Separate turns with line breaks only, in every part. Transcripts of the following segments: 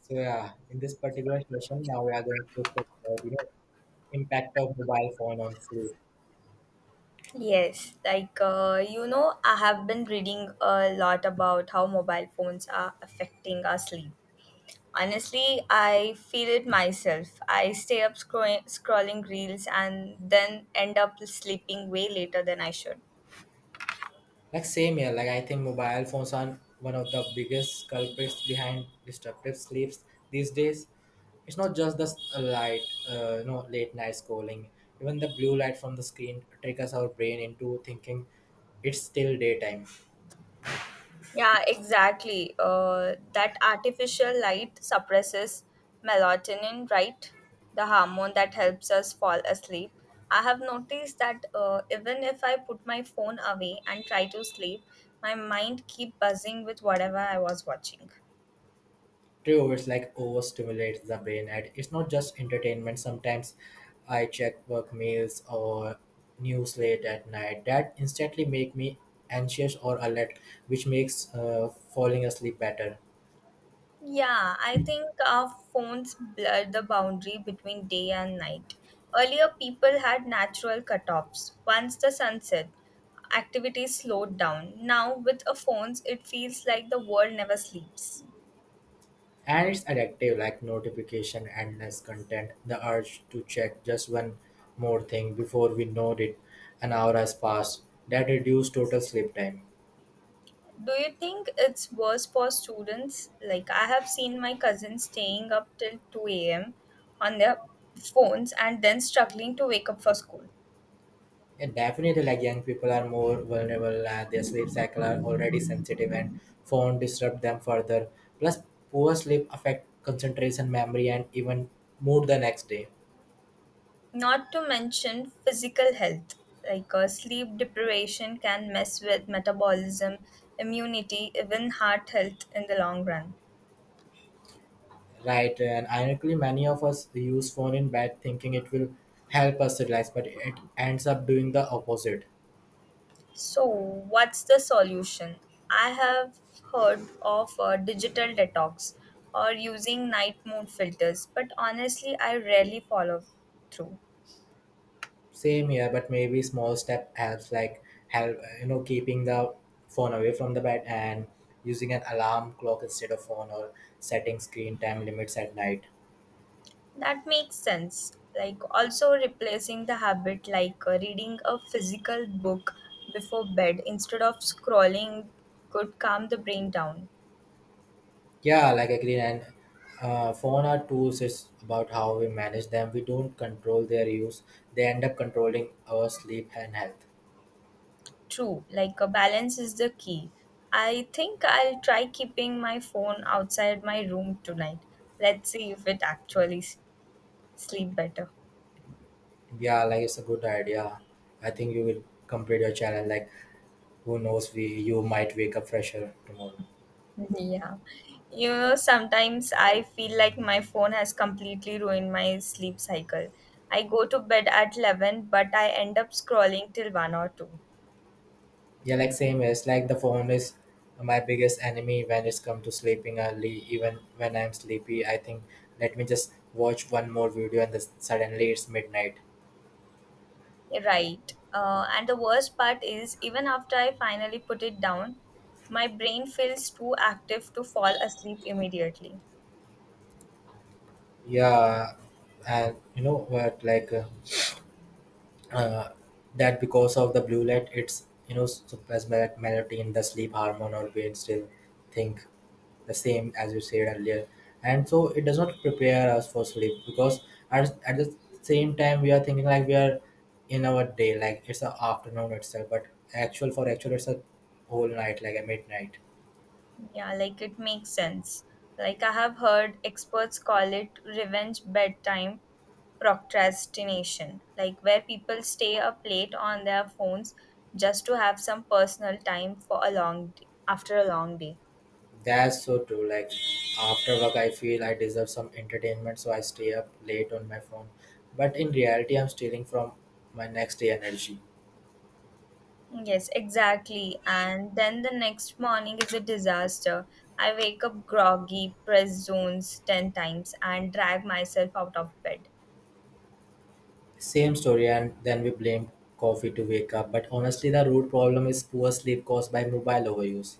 So yeah, in this particular session, now we are going to talk about impact of mobile phone on sleep.
Yes, like I have been reading a lot about how mobile phones are affecting our sleep. Honestly, I feel it myself. I stay up scrolling reels and then end up sleeping way later than I should.
Like same here, like I think mobile phones are one of the biggest culprits behind disruptive sleeps these days. It's not just the light, late night scrolling. Even the blue light from the screen triggers our brain into thinking it's still daytime.
Yeah, exactly. That artificial light suppresses melatonin, right? The hormone that helps us fall asleep. I have noticed that even if I put my phone away and try to sleep, my mind keep buzzing with whatever I was watching.
True, it's like overstimulates the brain, and it's not just entertainment. Sometimes I check work mails or news late at night that instantly make me anxious or alert, which makes falling asleep better.
Yeah, I think our phones blur the boundary between day and night. Earlier, people had natural cutoffs. Once the sun set, activities slowed down. Now, with our phones, it feels like the world never sleeps.
And it's addictive, like notification, endless content, the urge to check just one more thing before we know it. An hour has passed. That reduces total sleep time.
Do you think it's worse for students? Like, I have seen my cousins staying up till 2 a.m. on their phones and then struggling to wake up for school.
Yeah, definitely, like young people are more vulnerable, their sleep cycle are already sensitive, and phone disrupt them further. Plus, poor sleep affect concentration, memory, and even mood the next day.
Not to mention physical health, like sleep deprivation can mess with metabolism, immunity, even heart health in the long run.
Right, and ironically, many of us use phone in bed, thinking it will help us relax, but it ends up doing the opposite.
So, what's the solution? I have heard of digital detox or using night mode filters, but honestly, I rarely follow through.
Same here, but maybe small step helps, like help you know keeping the phone away from the bed and using an alarm clock instead of phone or setting screen time limits at night.
That makes sense. Like, also replacing the habit like reading a physical book before bed instead of scrolling could calm the brain down.
Yeah, like agree. And phone are tools. It's about how we manage them. We don't control their use. They end up controlling our sleep and health.
True, like a balance is the key. I think I'll try keeping my phone outside my room tonight. Let's see if it actually sleep better.
Yeah, like it's a good idea. I think you will complete your challenge. Like who knows, we you might wake up fresher tomorrow.
Yeah. You know, sometimes I feel like my phone has completely ruined my sleep cycle. I go to bed at 11, but I end up scrolling till 1 or 2.
Yeah, like same is like the phone is my biggest enemy when it's come to sleeping early. Even when I'm sleepy, I think let me just watch one more video and then suddenly it's midnight.
Right. And the worst part is, even after I finally put it down, my brain feels too active to fall asleep immediately.
Yeah, and you know what uh, that because of the blue light it's suppressed melatonin, the sleep hormone, our brain still think the same as you said earlier, and so it does not prepare us for sleep because at the same time we are thinking like we are in our day, like it's a afternoon itself, but actual it's a whole night, like a midnight.
Yeah, like it makes sense. Like I have heard experts call it revenge bedtime procrastination, like where people stay up late on their phones just to have some personal time for a long day, after a long day.
That's so true. Like after work, I feel I deserve some entertainment, so I stay up late on my phone, but in reality, I'm stealing from my next day energy.
Yes, exactly. And then the next morning is a disaster. I wake up groggy, press zones 10 times, and drag myself out of bed.
Same story, and then we blame coffee to wake up. But honestly, the root problem is poor sleep caused by mobile overuse.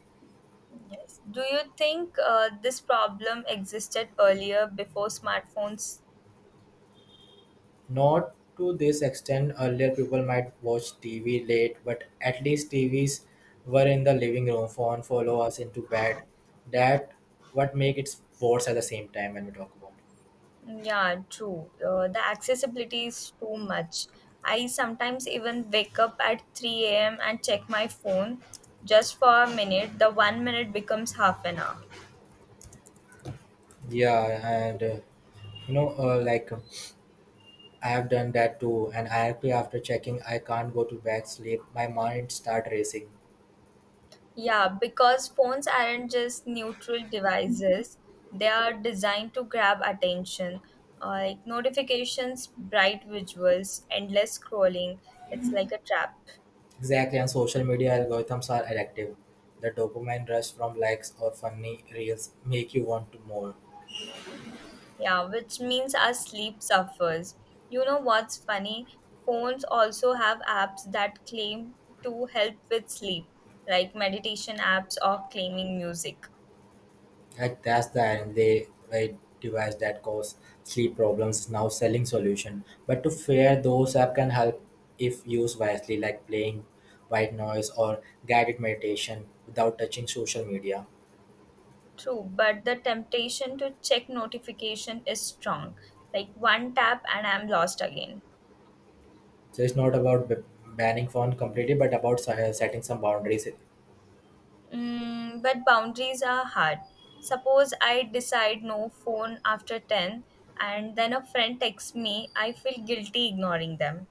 Yes. Do you think this problem existed earlier before smartphones?
Not to this extent, earlier people might watch TV late, but at least TVs were in the living room, phone follow us into bed. That what make it worse at the same time when we talk about
Yeah, true. The accessibility is too much. I sometimes even wake up at 3 a.m. and check my phone just for a minute. The 1 minute becomes half an hour.
it. Yeah, and like I have done that too, and I actually after checking, I can't go to bed sleep. My mind start racing.
Yeah, because phones aren't just neutral devices, they are designed to grab attention. Like notifications, bright visuals, endless scrolling. It's like a trap.
Exactly, and social media algorithms are addictive. The dopamine rush from likes or funny reels make you want to more.
Yeah, which means our sleep suffers. You know what's funny? Phones also have apps that claim to help with sleep, like meditation apps or claiming music.
Like that's the end. They like device that cause sleep problems now selling solution. But to fear those app can help if used wisely, like playing white noise or guided meditation without touching social media.
True, but the temptation to check notification is strong. Like one tap and I'm lost again.
So it's not about banning phone completely, but about setting some boundaries.
Mm, but boundaries are hard. Suppose I decide no phone after 10 and then a friend texts me, I feel guilty ignoring them.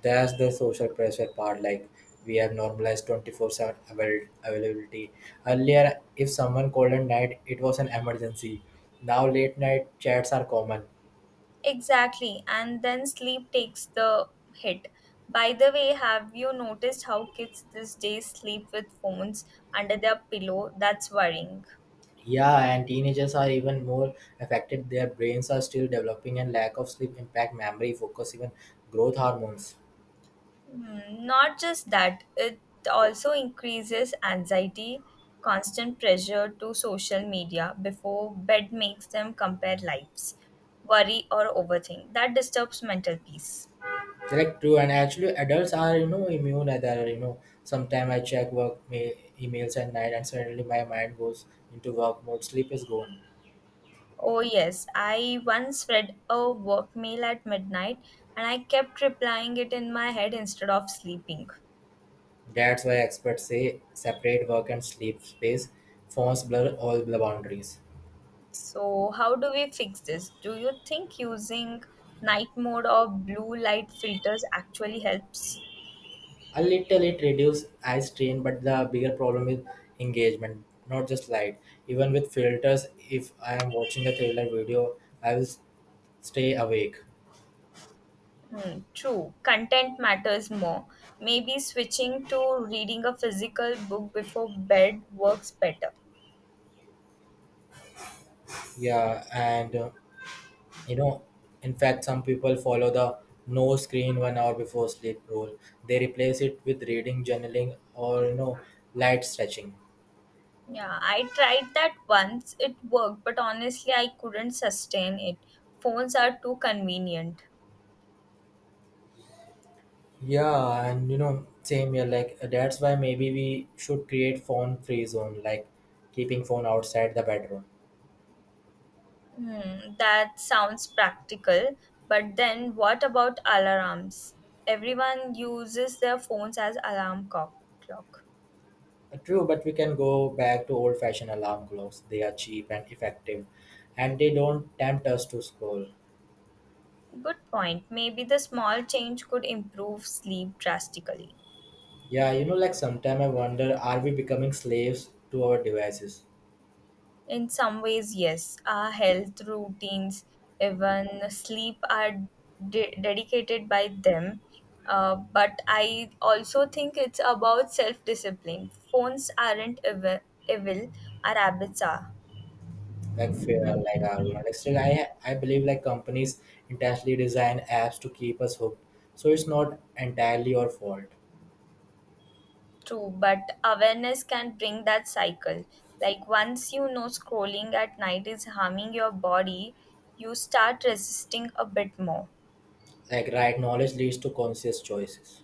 That's the social pressure part. Like we have normalized 24/7 availability. Earlier, if someone called at night, it was an emergency. Now late night chats are common.
Exactly, and then sleep takes the hit. By the way, have you noticed how kids these days sleep with phones under their pillow? That's worrying.
Yeah, and teenagers are even more affected. Their brains are still developing, and lack of sleep impact memory, focus, even growth hormones.
Hmm, not just that, it also increases anxiety. Constant pressure to social media before bed makes them compare lives, worry, or overthink. That disturbs mental peace.
Like true, and actually, adults are immune. Either sometime I check work emails at night, and suddenly my mind goes into work mode. Sleep is gone.
Oh, yes. I once read a work mail at midnight and I kept replying it in my head instead of sleeping.
That's why experts say separate work and sleep space. Phones blur all the boundaries.
So, how do we fix this? Do you think using night mode or blue light filters actually helps?
A little it reduces eye strain, but the bigger problem is engagement, not just light. Even with filters, if I am watching a thriller video, I will stay awake.
Hmm, true. Content matters more. Maybe switching to reading a physical book before bed works better.
Yeah, and you know, in fact, some people follow the no screen 1 hour before sleep rule. They replace it with reading, journaling, or light stretching.
Yeah, I tried that once. It worked, but honestly, I couldn't sustain it. Phones are too convenient.
Yeah, and same here. Like that's why maybe we should create phone-free zone, like keeping phone outside the bedroom.
Hmm, that sounds practical, but then what about alarms? Everyone uses their phones as alarm clock.
True, but we can go back to old-fashioned alarm clocks. They are cheap and effective, and they don't tempt us to scroll.
Good point. Maybe the small change could improve sleep drastically.
Yeah, like sometimes I wonder, are we becoming slaves to our devices?
In some ways, yes, our health routines, even sleep, are dedicated by them. But I also think it's about self discipline. Phones aren't evil, our habits are.
Like fair, like argument. Like still, I believe like companies intentionally design apps to keep us hooked, so it's not entirely your fault.
True, but awareness can bring that cycle. Like once you know scrolling at night is harming your body, you start resisting a bit more.
Like right knowledge leads to conscious choices.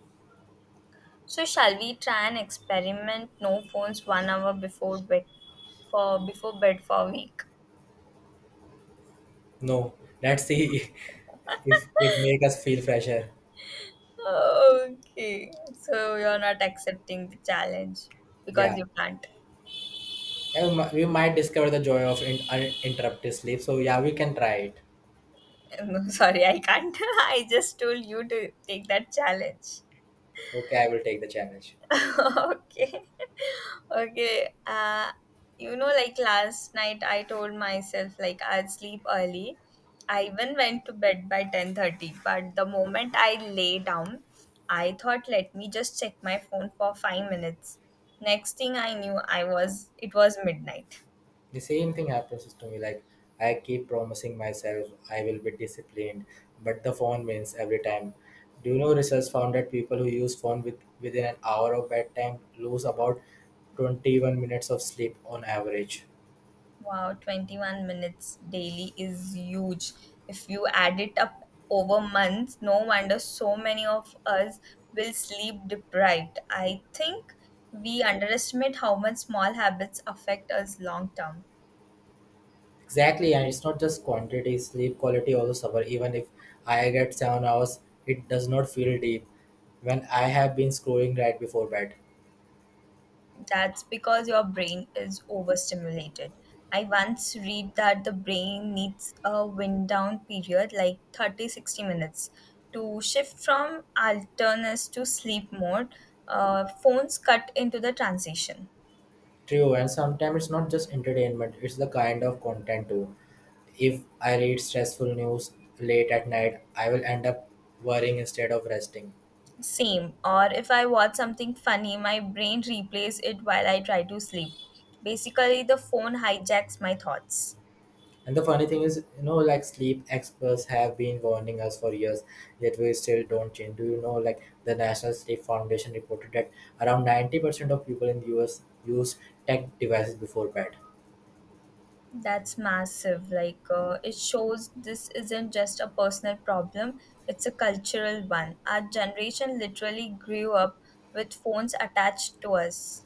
So shall we try and experiment no phones 1 hour before bed for a week?
No, let's see if it make us feel fresher.
Okay. So you're not accepting the challenge because
Yeah,
you can't.
yeah, we might discover the joy of uninterrupted sleep. So yeah, we can try it.
No, sorry, I can't. I just told you to take that challenge.
Okay, I will take the challenge.
Okay. Okay. Like last night, I told myself like I'd sleep early. I even went to bed by 10:30. But the moment I lay down, I thought, let me just check my phone for 5 minutes. Next thing I knew, I was it was midnight.
The same thing happens to me. Like I keep promising myself I will be disciplined, but the phone wins every time. Do you know research found that people who use phone within an hour of bedtime lose about 21 minutes of sleep on average?
Wow, 21 minutes daily is huge. If you add it up over months, no wonder so many of us will sleep deprived. I think we underestimate how much small habits affect us long term.
Exactly, and it's not just quantity, sleep quality also suffer. Even if I get 7 hours, it does not feel deep when I have been scrolling right before bed.
That's because your brain is overstimulated. I once read that the brain needs a wind down period like 30-60 minutes to shift from alertness to sleep mode. Phones cut into the transition.
True, and sometimes it's not just entertainment, it's the kind of content too. If I read stressful news late at night, I will end up worrying instead of resting.
Same, or if I watch something funny, my brain replays it while I try to sleep. Basically, the phone hijacks my thoughts.
And the funny thing is, like sleep experts have been warning us for years, yet we still don't change. Do you know, like the National Sleep Foundation reported that around 90% of people in the US use tech devices before bed.
That's massive. Like, it shows this isn't just a personal problem, it's a cultural one. Our generation literally grew up with phones attached to us.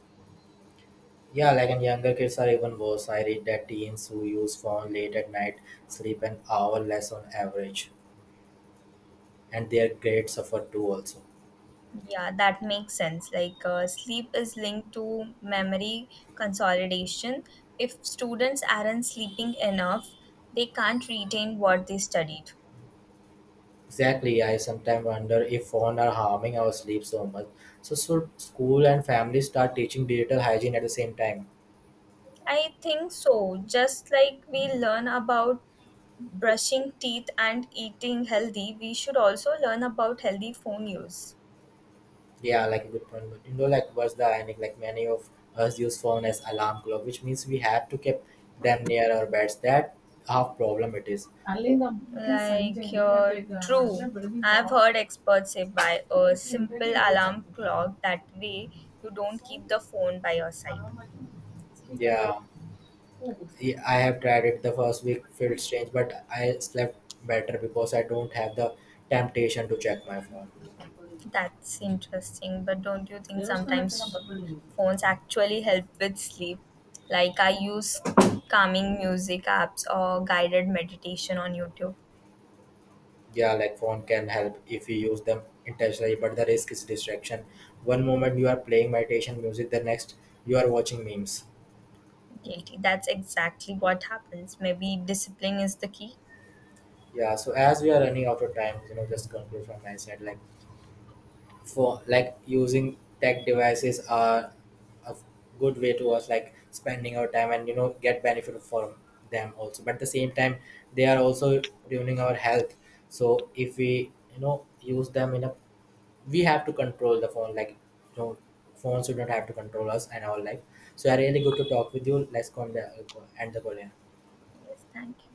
Yeah, like and younger kids are even worse. I read that teens who use phone late at night sleep an hour less on average, and their grades suffer too also.
Yeah, that makes sense. Like, sleep is linked to memory consolidation. If students aren't sleeping enough, they can't retain what they studied.
Exactly, I sometimes wonder if phones are harming our sleep so much. So should school and family start teaching digital hygiene at the same time?
I think so. Just like we learn about brushing teeth and eating healthy, we should also learn about healthy phone use.
Yeah, like a good point. But you know, like what's the ironic? Like many of us use phone as alarm clock, which means we have to keep them near our beds. That how problem it is.
Like your true, I've heard experts say buy a simple alarm clock. That way, you don't keep the phone by your side.
Yeah, yeah, I have tried it. The first week felt strange, but I slept better because I don't have the temptation to check my phone.
That's interesting, but don't you think sometimes phones actually help with sleep? Like I use calming music apps or guided meditation on YouTube.
Yeah, like phone can help if you use them intentionally, but the risk is distraction. One moment you are playing meditation music, the next you are watching memes.
Guilty. That's exactly what happens. Maybe discipline is the key.
Yeah, so as we are running out of time, just conclude from my side. Like for like using tech devices are a good way to us, like spending our time, and get benefit for them also, but at the same time they are also ruining our health, so if we use them in a, we have to control the phone, like you know phones should not have to control us and our life. So yeah, really good to talk with you, let's go and end the call here.
Yes, thank you.